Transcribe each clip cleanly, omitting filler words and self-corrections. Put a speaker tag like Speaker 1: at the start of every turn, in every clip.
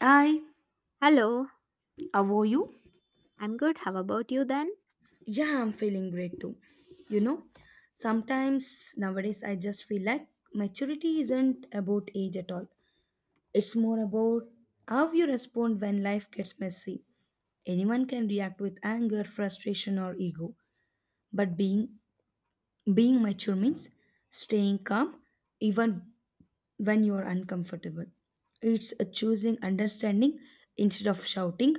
Speaker 1: I
Speaker 2: Hello,
Speaker 1: avow you.
Speaker 2: I'm good. How about you then?
Speaker 1: Yeah, I'm feeling great too. You know, sometimes nowadays I just feel like maturity isn't about age at all. It's more about how you respond when life gets messy. Anyone can react with anger, frustration, or ego. But being mature means staying calm even when you are uncomfortable. It's a choosing understanding instead of shouting,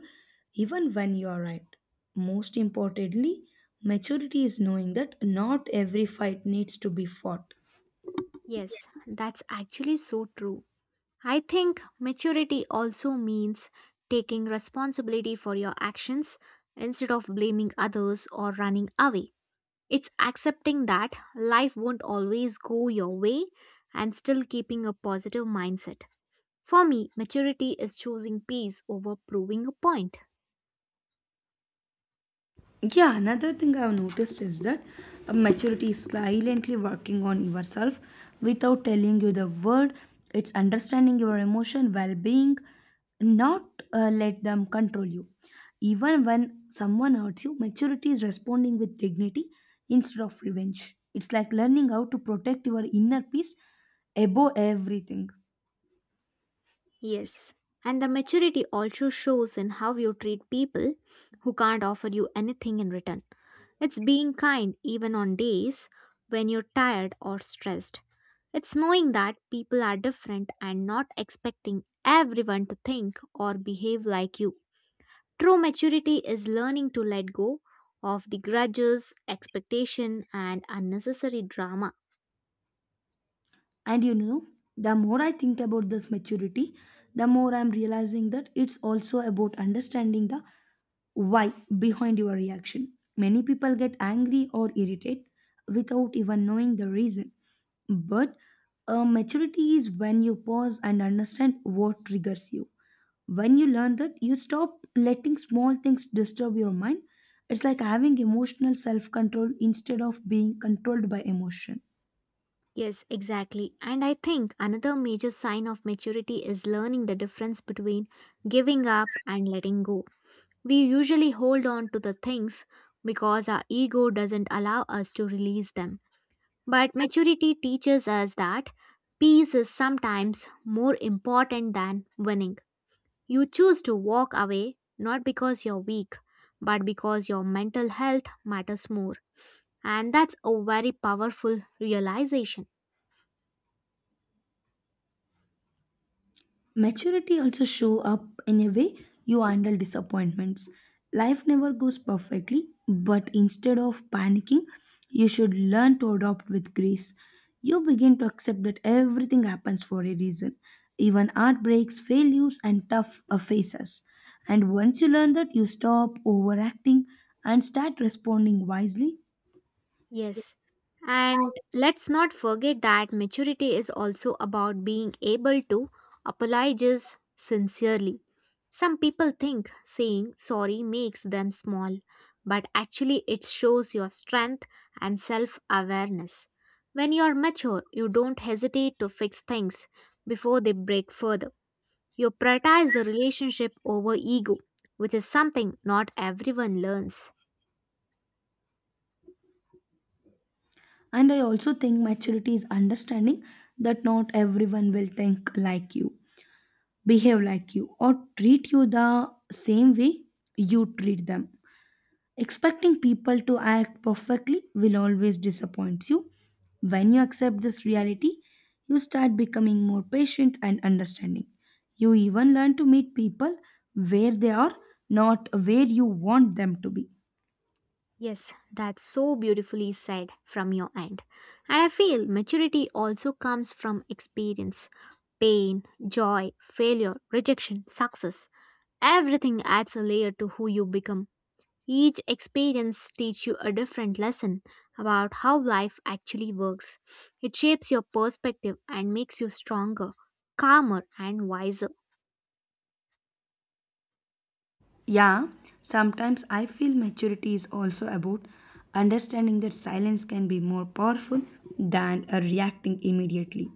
Speaker 1: even when you are right. Most importantly, maturity is knowing that not every fight needs to be fought.
Speaker 2: Yes, that's actually so true. I think maturity also means taking responsibility for your actions instead of blaming others or running away. It's accepting that life won't always go your way and still keeping a positive mindset. For me, maturity is choosing peace over proving a point.
Speaker 1: Yeah, another thing I've noticed is that maturity is silently working on yourself without telling you the word. It's understanding your emotion, well-being, not let them control you. Even when someone hurts you, maturity is responding with dignity instead of revenge. It's like learning how to protect your inner peace above everything.
Speaker 2: Yes. And the maturity also shows in how you treat people who can't offer you anything in return. It's being kind even on days when you're tired or stressed. It's knowing that people are different and not expecting everyone to think or behave like you. True maturity is learning to let go of the grudges, expectation, and unnecessary drama.
Speaker 1: And you know, the more I think about this maturity, the more I'm realizing that it's also about understanding the why behind your reaction. Many people get angry or irritated without even knowing the reason. But maturity is when you pause and understand what triggers you. When you learn that, you stop letting small things disturb your mind. It's like having emotional self control instead of being controlled by emotion.
Speaker 2: Yes, exactly. And I think another major sign of maturity is learning the difference between giving up and letting go. We usually hold on to the things because our ego doesn't allow us to release them. But maturity teaches us that peace is sometimes more important than winning. You choose to walk away not because you're weak, but because your mental health matters more. And that's a very powerful realization.
Speaker 1: Maturity also show up in a way you handle disappointments. Life never goes perfectly, but instead of panicking, you should learn to adopt with grace. You begin to accept that everything happens for a reason, even heartbreaks, failures, and tough phases. And once you learn that, you stop overacting and start responding wisely.
Speaker 2: Yes. And let's not forget that maturity is also about being able to apologize sincerely. Some people think saying sorry makes them small, but actually it shows your strength and self awareness. When you're mature, you don't hesitate to fix things before they break further. You prioritize the relationship over ego, which is something not everyone learns.
Speaker 1: And I also think maturity is understanding that not everyone will think like you, behave like you, or treat you the same way you treat them. Expecting people to act perfectly will always disappoint you. When you accept this reality, you start becoming more patient and understanding. You even learn to meet people where they are, not where you want them to be.
Speaker 2: Yes, that's so beautifully said from your end. And I feel maturity also comes from experience. Pain, joy, failure, rejection, success. Everything adds a layer to who you become. Each experience teaches you a different lesson about how life actually works. It shapes your perspective and makes you stronger, calmer, and wiser.
Speaker 1: Yeah, sometimes I feel maturity is also about understanding that silence can be more powerful than reacting immediately.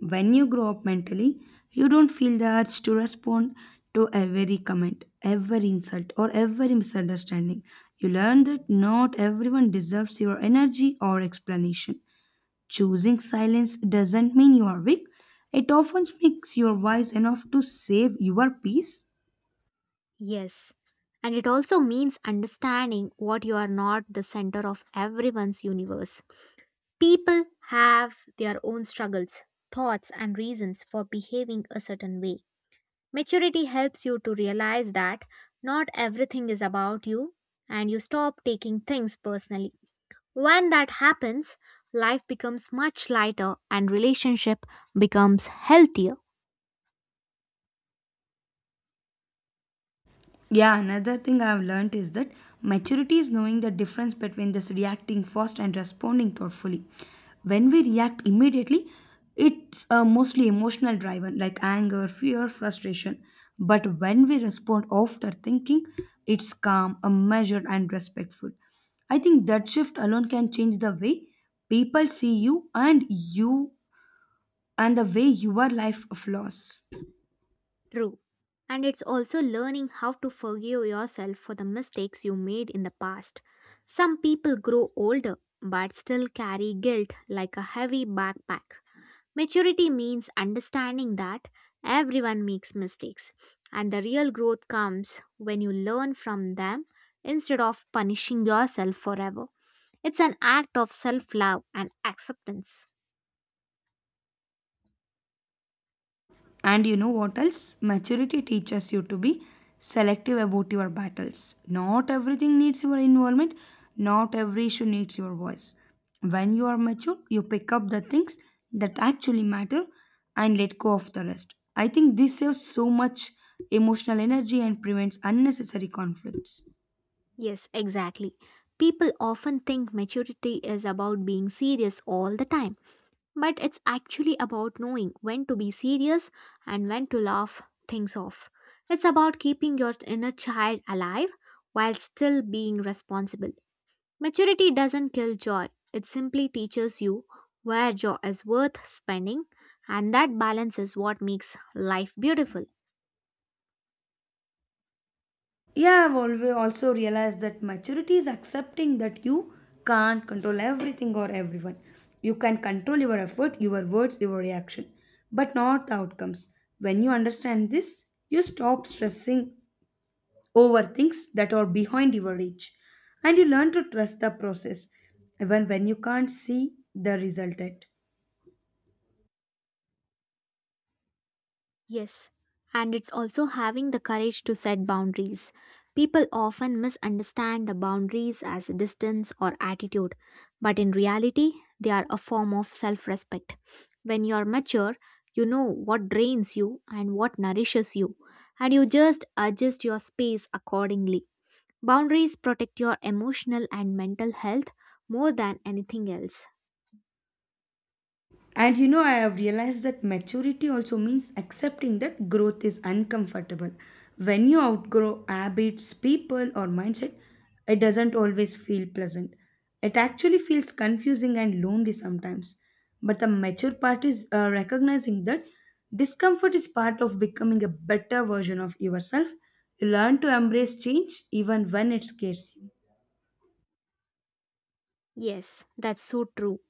Speaker 1: When you grow up mentally, you don't feel the urge to respond to every comment, every insult, or every misunderstanding. You learn that not everyone deserves your energy or explanation. Choosing silence doesn't mean you are weak, it often makes you wise enough to save your peace.
Speaker 2: Yes. And it also means understanding what you are not the center of everyone's universe. People have their own struggles, thoughts, and reasons for behaving a certain way. Maturity helps you to realize that not everything is about you and you stop taking things personally. When that happens, life becomes much lighter and relationship becomes healthier.
Speaker 1: Yeah, another thing I have learned is that maturity is knowing the difference between this reacting fast and responding thoughtfully. When we react immediately, it's mostly emotional driven like anger, fear, frustration. But when we respond after thinking, it's calm, measured, and respectful. I think that shift alone can change the way people see you and you and the way your life flows.
Speaker 2: True. And it's also learning how to forgive yourself for the mistakes you made in the past. Some people grow older but still carry guilt like a heavy backpack. Maturity means understanding that everyone makes mistakes, and the real growth comes when you learn from them instead of punishing yourself forever. It's an act of self love and acceptance.
Speaker 1: And you know what else? Maturity teaches you to be selective about your battles. Not everything needs your involvement, not every issue needs your voice. When you are mature, you pick up the things that actually matter and let go of the rest. I think this saves so much emotional energy and prevents unnecessary conflicts.
Speaker 2: Yes, exactly. People often think maturity is about being serious all the time, but it's actually about knowing when to be serious and when to laugh things off. It's about keeping your inner child alive while still being responsible. Maturity doesn't kill joy, it simply teaches you where joy is worth spending, and that balance is what makes life beautiful.
Speaker 1: Yeah, I've always also realized that maturity is accepting that you can't control everything or everyone. You can control your effort, your words, your reaction, but not the outcomes. When you understand this, you stop stressing over things that are behind your reach and you learn to trust the process even when you can't see the result yet.
Speaker 2: Yes, and it's also having the courage to set boundaries. People often misunderstand the boundaries as distance or attitude, but in reality, they are a form of self respect. When you're mature, you know what drains you and what nourishes you, and you just adjust your space accordingly. Boundaries protect your emotional and mental health more than anything else.
Speaker 1: And you know, I have realized that maturity also means accepting that growth is uncomfortable. When you outgrow habits, people, or mindset, it doesn't always feel pleasant. It actually feels confusing and lonely sometimes. But the mature part is recognizing that discomfort is part of becoming a better version of yourself. You learn to embrace change even when it scares you.
Speaker 2: Yes, that's so true.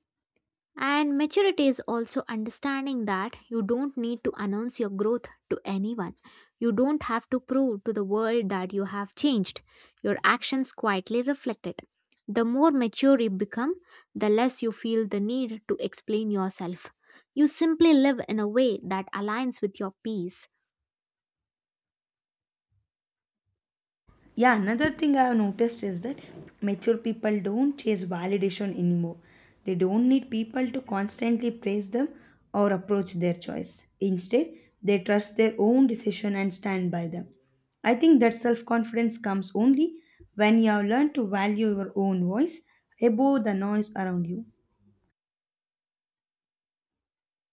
Speaker 2: And maturity is also understanding that you don't need to announce your growth to anyone. You don't have to prove to the world that you have changed. Your actions quietly reflect it. The more mature you become, the less you feel the need to explain yourself. You simply live in a way that aligns with your peace.
Speaker 1: Yeah, another thing I've noticed is that mature people don't chase validation anymore. They don't need people to constantly praise them or approach their choice. Instead, they trust their own decision and stand by them. I think that self confidence comes only when you have learned to value your own voice above the noise around you.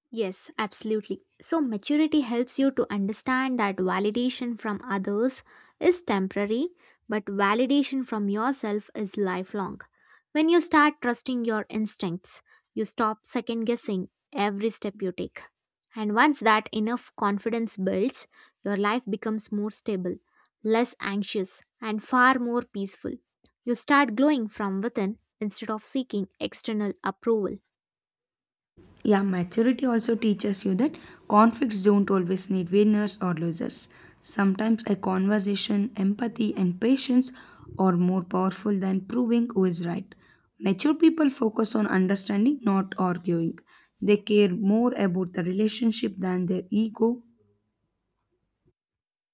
Speaker 2: Yes, absolutely. So, maturity helps you to understand that validation from others is temporary, but validation from yourself is lifelong. When you start trusting your instincts, you stop second guessing every step you take. And once that enough confidence builds, your life becomes more stable, less anxious, and far more peaceful. You start glowing from within instead of seeking external approval.
Speaker 1: Yeah, maturity also teaches you that conflicts don't always need winners or losers. Sometimes a conversation, empathy, and patience are more powerful than proving who is right. Mature people focus on understanding, not arguing. They care more about the relationship than their ego.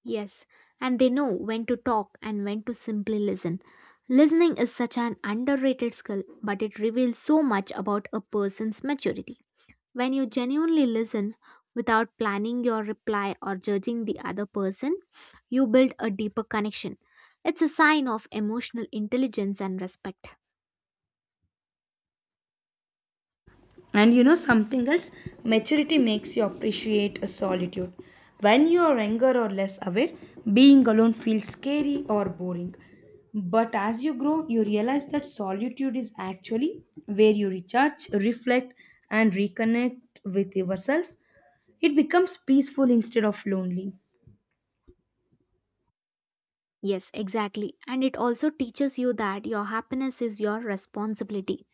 Speaker 2: Yes, and they know when to talk and when to simply listen. Listening is such an underrated skill, but it reveals so much about a person's maturity. When you genuinely listen without planning your reply or judging the other person, you build a deeper connection. It's a sign of emotional intelligence and respect.
Speaker 1: And you know something else? Maturity makes you appreciate a solitude. When you are younger or less aware, being alone feels scary or boring. But as you grow, you realize that solitude is actually where you recharge, reflect, and reconnect with yourself. It becomes peaceful instead of lonely.
Speaker 2: Yes, exactly. And it also teaches you that your happiness is your responsibility.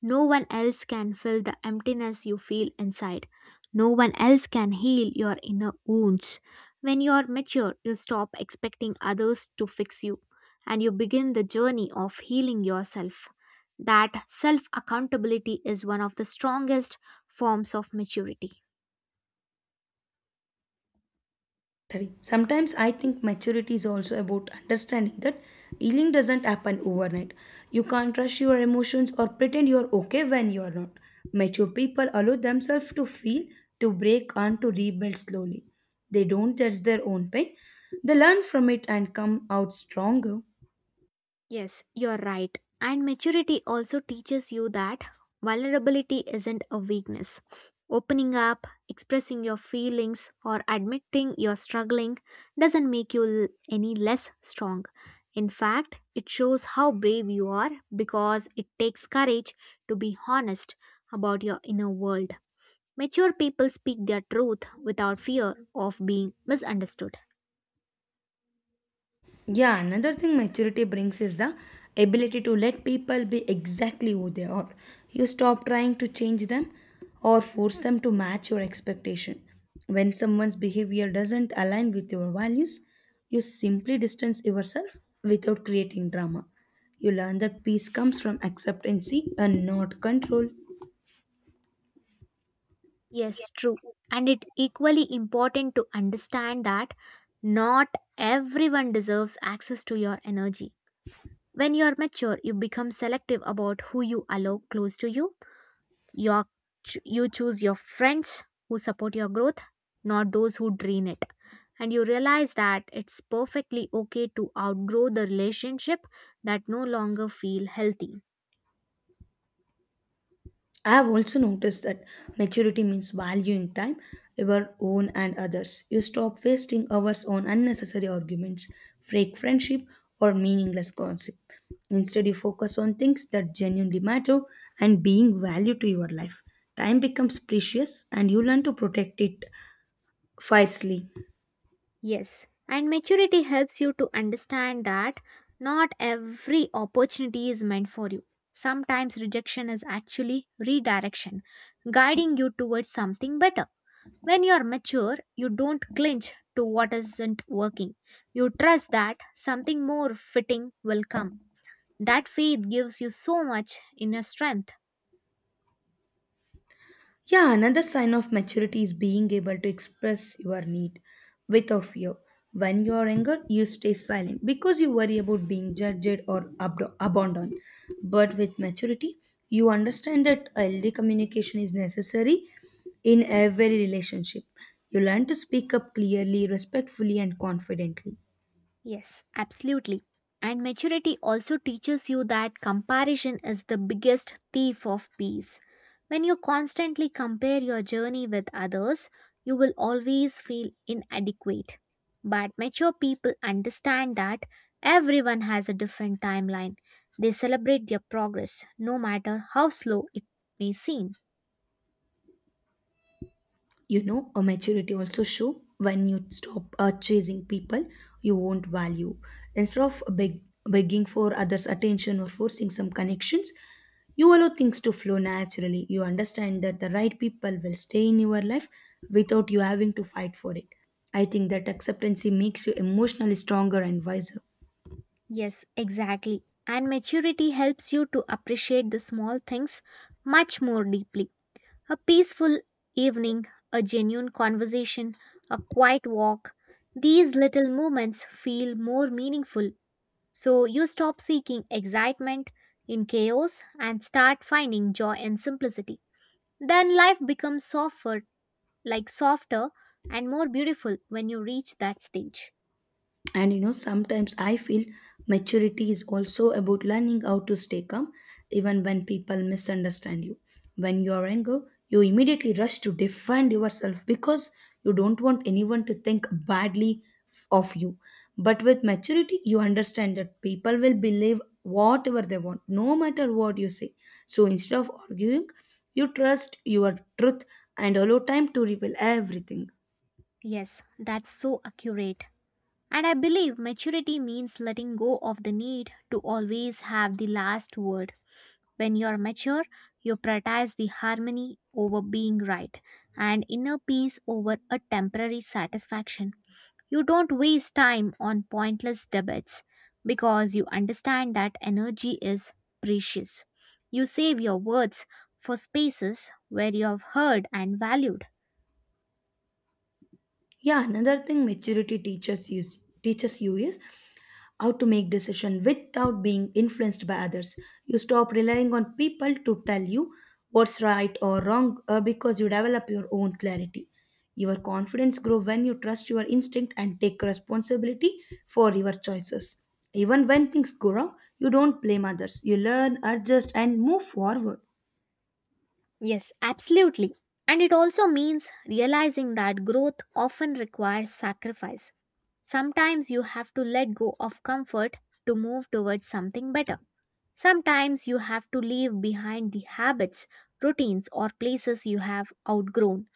Speaker 2: No one else can fill the emptiness you feel inside. No one else can heal your inner wounds. When you are mature, you stop expecting others to fix you and you begin the journey of healing yourself. That self accountability is one of the strongest forms of maturity.
Speaker 1: Three. Sometimes I think maturity is also about understanding that healing doesn't happen overnight. You can't rush your emotions or pretend you're okay when you're not. Mature people allow themselves to feel, to break, and to rebuild slowly. They don't judge their own pain. They learn from it and come out stronger.
Speaker 2: Yes, you're right. And maturity also teaches you that vulnerability isn't a weakness. Opening up, expressing your feelings, or admitting you're struggling doesn't make you any less strong. In fact, it shows how brave you are because it takes courage to be honest about your inner world. Mature people speak their truth without fear of being misunderstood.
Speaker 1: Yeah, another thing maturity brings is the ability to let people be exactly who they are. You stop trying to change them or force them to match your expectation. When someone's behavior doesn't align with your values, you simply distance yourself without creating drama. You learn that peace comes from acceptance and not control.
Speaker 2: Yes, true. And it equally important to understand that not everyone deserves access to your energy. When you are mature, you become selective about who you allow close to you. Your, you choose your friends who support your growth, not those who drain it. And you realize that it's perfectly okay to outgrow the relationship that no longer feel healthy.
Speaker 1: I have also noticed that maturity means valuing time, your own and others. You stop wasting hours on unnecessary arguments, fake friendship, or meaningless gossip. Instead, you focus on things that genuinely matter and being value to your life. Time becomes precious and you learn to protect it wisely.
Speaker 2: Yes, and maturity helps you to understand that not every opportunity is meant for you. Sometimes rejection is actually redirection, guiding you towards something better. When you are mature, you don't clinch to what isn't working. You trust that something more fitting will come. That faith gives you so much inner strength.
Speaker 1: Yeah, another sign of maturity is being able to express your need without fear. When you are younger, you stay silent because you worry about being judged or abandoned. But with maturity, you understand that healthy communication is necessary in every relationship. You learn to speak up clearly, respectfully, and confidently.
Speaker 2: Yes, absolutely. And maturity also teaches you that comparison is the biggest thief of peace. When you constantly compare your journey with others, you will always feel inadequate. But mature people understand that everyone has a different timeline. They celebrate their progress, no matter how slow it may seem.
Speaker 1: You know, a maturity also show when you stop chasing people you won't value. Instead of begging for others attention or forcing some connections, you allow things to flow naturally. You understand that the right people will stay in your life without you having to fight for it. I think that acceptancy makes you emotionally stronger and wiser.
Speaker 2: Yes, exactly. And maturity helps you to appreciate the small things much more deeply. A peaceful evening, a genuine conversation, a quiet walk, these little moments feel more meaningful. So you stop seeking excitement in chaos and start finding joy in simplicity. Then life becomes softer, like softer and more beautiful when you reach that stage.
Speaker 1: And you know, sometimes I feel maturity is also about learning how to stay calm even when people misunderstand you. When you are angry, you immediately rush to defend yourself because you don't want anyone to think badly of you. But with maturity, you understand that people will believe whatever they want no matter what you say. So instead of arguing, you trust your truth and allow time to reveal everything.
Speaker 2: Yes, that's so accurate. And I believe maturity means letting go of the need to always have the last word. When you're mature, you prioritize the harmony over being right and inner peace over a temporary satisfaction. You don't waste time on pointless debates because you understand that energy is precious. You save your words for spaces where you have heard and valued.
Speaker 1: Yeah, another thing maturity teaches you is how to make decision without being influenced by others. You stop relying on people to tell you what's right or wrong because you develop your own clarity. Your confidence grow when you trust your instinct and take responsibility for your choices. Even when things go wrong, you don't blame others. You learn adjust and move forward.
Speaker 2: Yes, absolutely. And it also means realizing that growth often requires sacrifice. Sometimes you have to let go of comfort to move towards something better. Sometimes you have to leave behind the habits, routines, or places you have outgrown.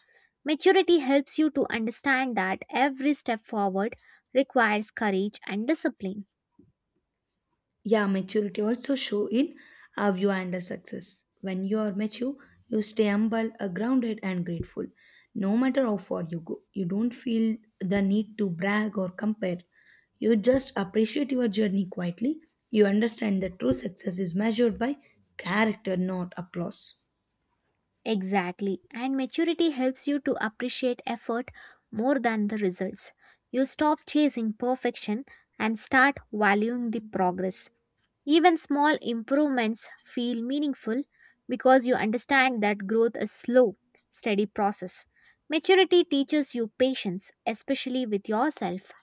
Speaker 2: Maturity helps you to understand that every step forward requires courage and discipline.
Speaker 1: Yeah, maturity also show in how you handle success. When you are mature, you stay humble, grounded and grateful. No matter how far you go, you don't feel the need to brag or compare. You just appreciate your journey quietly. You understand that true success is measured by character, not applause.
Speaker 2: Exactly, and maturity helps you to appreciate effort more than the results. You stop chasing perfection and start valuing the progress. Even small improvements feel meaningful because you understand that growth is slow, steady process. Maturity teaches you patience, especially with yourself.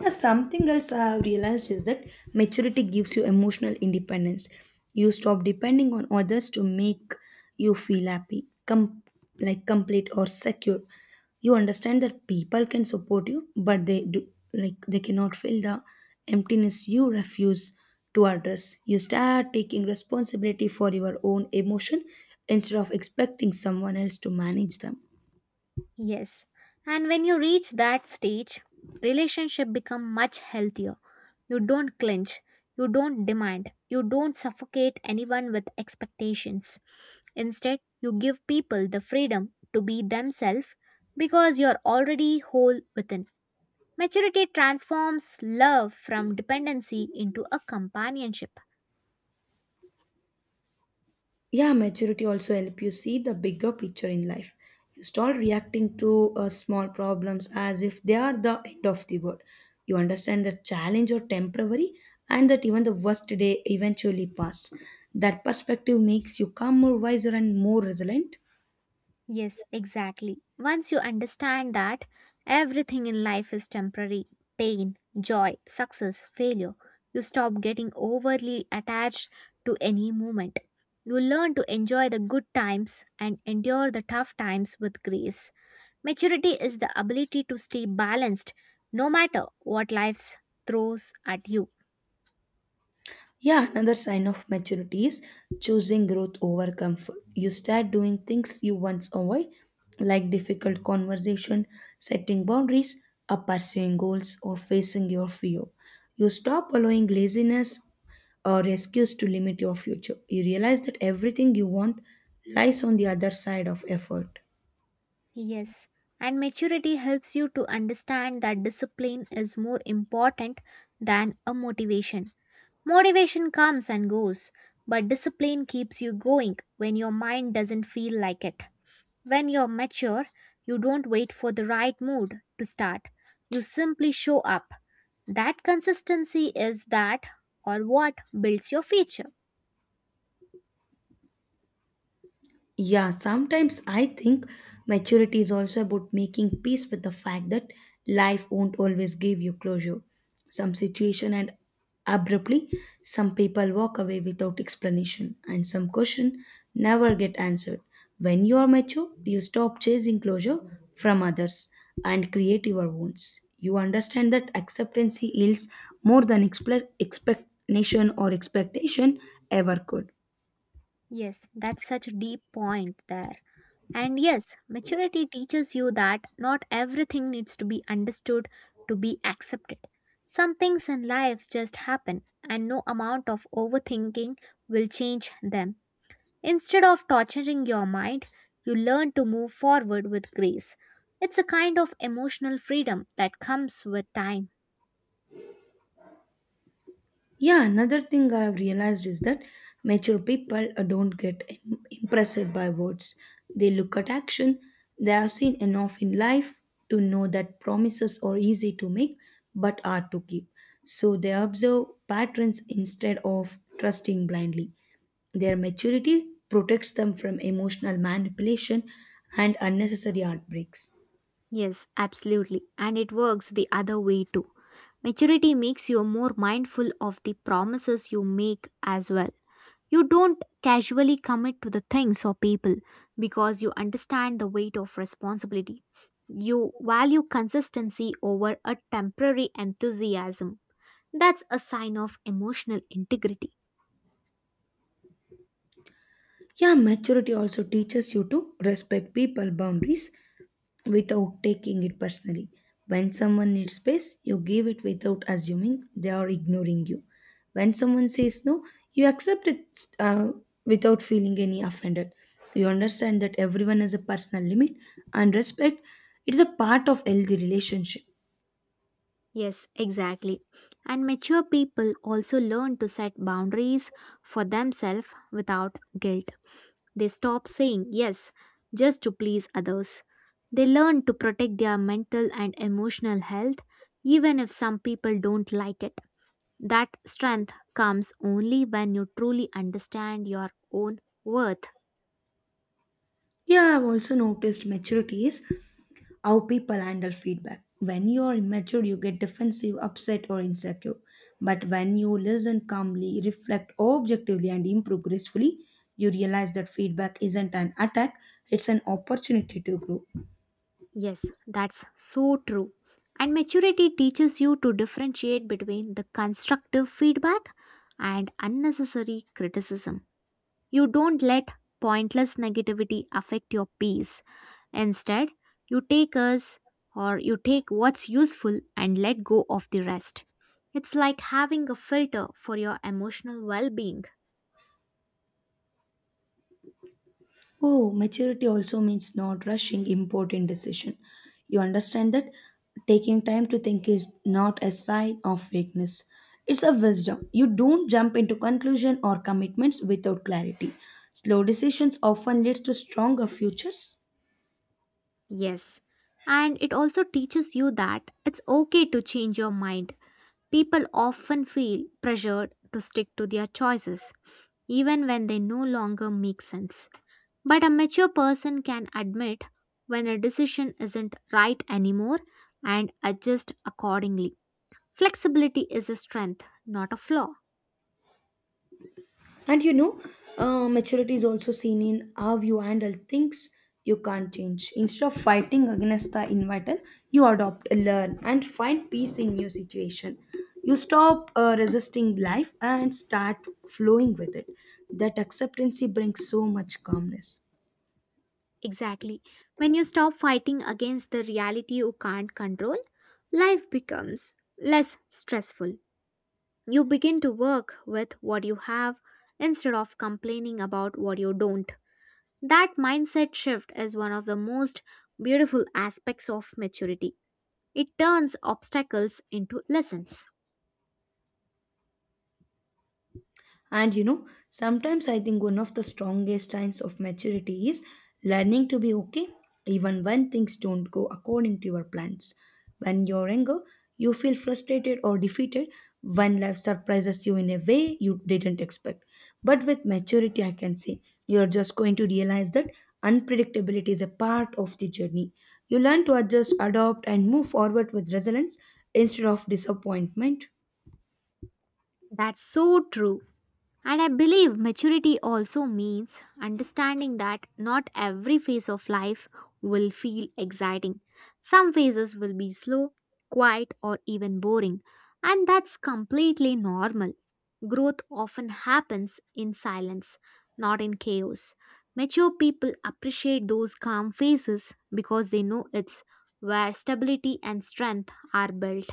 Speaker 1: Yeah, something else I have realized is that maturity gives you emotional independence. You stop depending on others to make you feel happy, like complete or secure. You understand that people can support you, but they do like they cannot fill the emptiness you refuse to address. You start taking responsibility for your own emotion instead of expecting someone else to manage them.
Speaker 2: Yes. And when you reach that stage, relationship become much healthier. You don't clinch, you don't demand, you don't suffocate anyone with expectations. Instead, you give people the freedom to be themselves because you're already whole within. Maturity transforms love from dependency into a companionship.
Speaker 1: Yeah, maturity also help you see the bigger picture in life. You start reacting to small problems as if they are the end of the world. You understand that challenge are temporary and that even the worst day eventually pass. That perspective makes you calmer, wiser, and more resilient.
Speaker 2: Yes, exactly. Once you understand that everything in life is temporary, pain, joy, success, failure, you stop getting overly attached to any moment. You learn to enjoy the good times and endure the tough times with grace. Maturity is the ability to stay balanced no matter what life throws at you.
Speaker 1: Yeah, another sign of maturity is choosing growth over comfort. You start doing things you once avoid, like difficult conversation, setting boundaries, or pursuing goals, or facing your fear. You stop allowing laziness or excuse to limit your future. You realize that everything you want lies on the other side of effort.
Speaker 2: Yes, and maturity helps you to understand that discipline is more important than a motivation. Motivation comes and goes, but discipline keeps you going when your mind doesn't feel like it. When you're mature, you don't wait for the right mood to start. You simply show up. That consistency is that or what builds your future.
Speaker 1: Yeah, sometimes I think maturity is also about making peace with the fact that life won't always give you closure. Some situation and abruptly, some people walk away without explanation, and some question never get answered. When you are mature, you stop chasing closure from others and create your wounds. You understand that acceptance heals more than expla expectation or expectation ever could.
Speaker 2: Yes, that's such a deep point there. And yes, maturity teaches you that not everything needs to be understood to be accepted. Some things in life just happen, and no amount of overthinking will change them. Instead of torturing your mind, you learn to move forward with grace. It's a kind of emotional freedom that comes with time.
Speaker 1: Yeah, another thing I have realized is that mature people don't get impressed by words. They look at action. They have seen enough in life to know that promises are easy to make but hard to keep. So they observe patterns instead of trusting blindly. Their maturity protects them from emotional manipulation and unnecessary heartbreaks.
Speaker 2: Yes, absolutely. And it works the other way too. Maturity makes you more mindful of the promises you make as well. You don't casually commit to the things or people because you understand the weight of responsibility. You value consistency over a temporary enthusiasm. That's a sign of emotional integrity.
Speaker 1: Yeah, maturity also teaches you to respect people boundaries without taking it personally. When someone needs space, you give it without assuming they are ignoring you. When someone says no, you accept it uh, without feeling any offended. You understand that everyone has a personal limit and respect. It's a part of healthy relationship.
Speaker 2: Yes, exactly. And mature people also learn to set boundaries for themselves without guilt. They stop saying yes just to please others. They learn to protect their mental and emotional health even if some people don't like it. That strength comes only when you truly understand your own worth.
Speaker 1: Yeah, I've also noticed maturity is how people handle feedback. When you are immature, you get defensive, upset, or insecure. But when you listen calmly, reflect objectively, and improve gracefully, you realize that feedback isn't an attack, it's an opportunity to grow.
Speaker 2: Yes, that's so true. And maturity teaches you to differentiate between the constructive feedback and unnecessary criticism. You don't let pointless negativity affect your peace. Instead, you take us or you take what's useful and let go of the rest. It's like having a filter for your emotional well being.
Speaker 1: Oh, maturity also means not rushing important decision. You understand that taking time to think is not a sign of weakness. It's a wisdom. You don't jump into conclusion or commitments without clarity. Slow decisions often leads to stronger futures.
Speaker 2: Yes, and it also teaches you that it's okay to change your mind. People often feel pressured to stick to their choices, even when they no longer make sense. But a mature person can admit when a decision isn't right anymore and adjust accordingly. Flexibility is a strength, not a flaw.
Speaker 1: And you know, maturity is also seen in how you handle things you can't change. Instead of fighting against the inevitable, you adopt, learn, and find peace in new situation. You stop resisting life and start flowing with it. That acceptance brings so much calmness.
Speaker 2: Exactly. When you stop fighting against the reality you can't control, life becomes less stressful. You begin to work with what you have instead of complaining about what you don't. That mindset shift is one of the most beautiful aspects of maturity. It turns obstacles into lessons.
Speaker 1: And you know, sometimes I think one of the strongest signs of maturity is learning to be okay even when things don't go according to your plans. When you're younger, you feel frustrated or defeated when life surprises you in a way you didn't expect. But with maturity, I can say you're just going to realize that unpredictability is a part of the journey. You learn to adjust, adopt, and move forward with resilience instead of disappointment.
Speaker 2: That's so true. And I believe maturity also means understanding that not every phase of life will feel exciting. Some phases will be slow, quiet, or even boring, and that's completely normal. Growth often happens in silence, not in chaos. Mature people appreciate those calm phases because they know it's where stability and strength are built.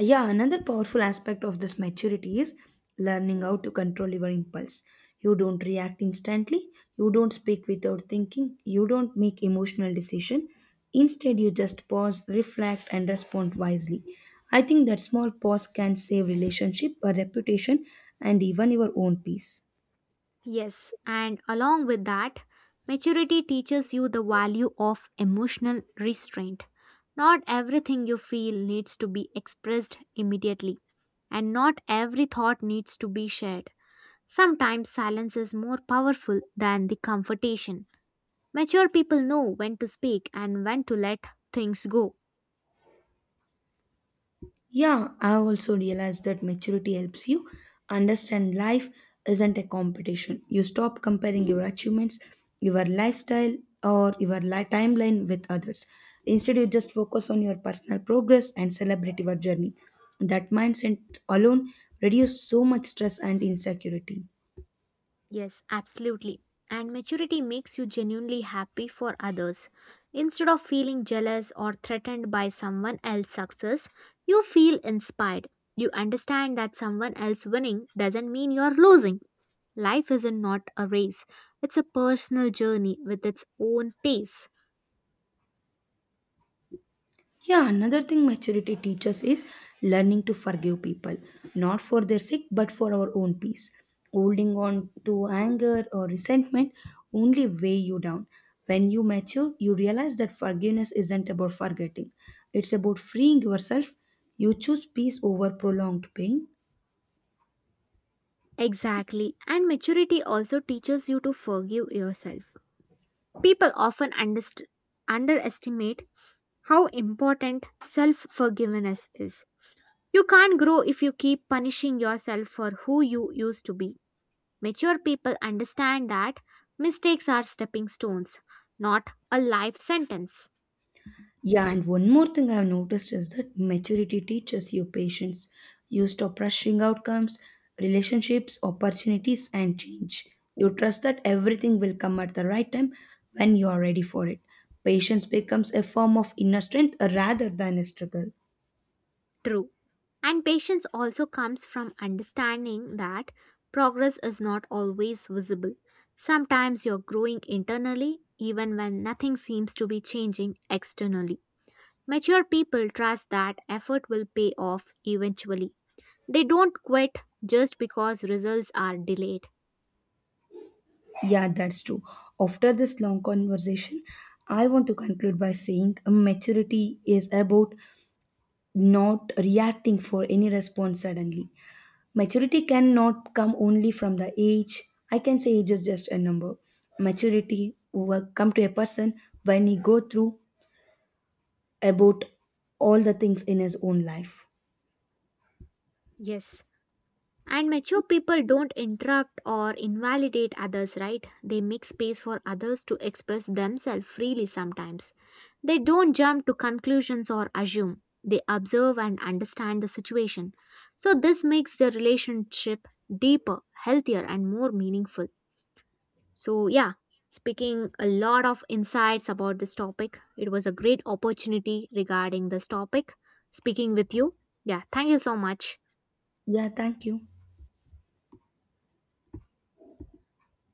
Speaker 1: Yeah, another powerful aspect of this maturity is learning how to control your impulse. You don't react instantly, you don't speak without thinking, you don't make emotional decision. Instead, you just pause, reflect and respond wisely. I think that small pause can save relationship, a reputation and even your own peace.
Speaker 2: Yes, and along with that, maturity teaches you the value of emotional restraint. Not everything you feel needs to be expressed immediately, and not every thought needs to be shared. Sometimes silence is more powerful than the confrontation. Mature people know when to speak and when to let things go.
Speaker 1: Yeah, I also realized that maturity helps you understand life isn't a competition. You stop comparing your achievements, your lifestyle, or timeline with others. Instead, you just focus on your personal progress and celebrate your journey. That mindset alone reduces so much stress and insecurity.
Speaker 2: Yes, absolutely. And maturity makes you genuinely happy for others. Instead of feeling jealous or threatened by someone else's success, you feel inspired. You understand that someone else winning doesn't mean you're losing. Life isn't not a race. It's a personal journey with its own pace.
Speaker 1: Yeah, another thing maturity teaches is learning to forgive people, not for their sake, but for our own peace. Holding on to anger or resentment only weigh you down. When you mature, you realize that forgiveness isn't about forgetting, it's about freeing yourself. You choose peace over prolonged pain.
Speaker 2: Exactly. And maturity also teaches you to forgive yourself. People often underestimate how important self forgiveness is. You can't grow if you keep punishing yourself for who you used to be. Mature people understand that mistakes are stepping stones, not a life sentence.
Speaker 1: Yeah, and one more thing I've noticed is that maturity teaches you patience. You stop rushing outcomes, relationships, opportunities, and change. You trust that everything will come at the right time when you are ready for it. Patience becomes a form of inner strength rather than a struggle.
Speaker 2: True. And patience also comes from understanding that progress is not always visible. Sometimes you're growing internally, even when nothing seems to be changing externally. Mature people trust that effort will pay off eventually. They don't quit just because results are delayed.
Speaker 1: Yeah, that's true. After this long conversation, I want to conclude by saying maturity is about not reacting for any response suddenly. Maturity cannot come only from the age. I can say age is just a number. Maturity will come to a person when he go through about all the things in his own life.
Speaker 2: Yes, and mature people don't interrupt or invalidate others, right? They make space for others to express themselves freely sometimes. They don't jump to conclusions or assume. They observe and understand the situation. So, this makes the relationship deeper, healthier, and more meaningful. So, yeah, speaking a lot of insights about this topic, it was a great opportunity regarding this topic. Speaking with you. Yeah, thank you so much.
Speaker 1: Yeah, thank you.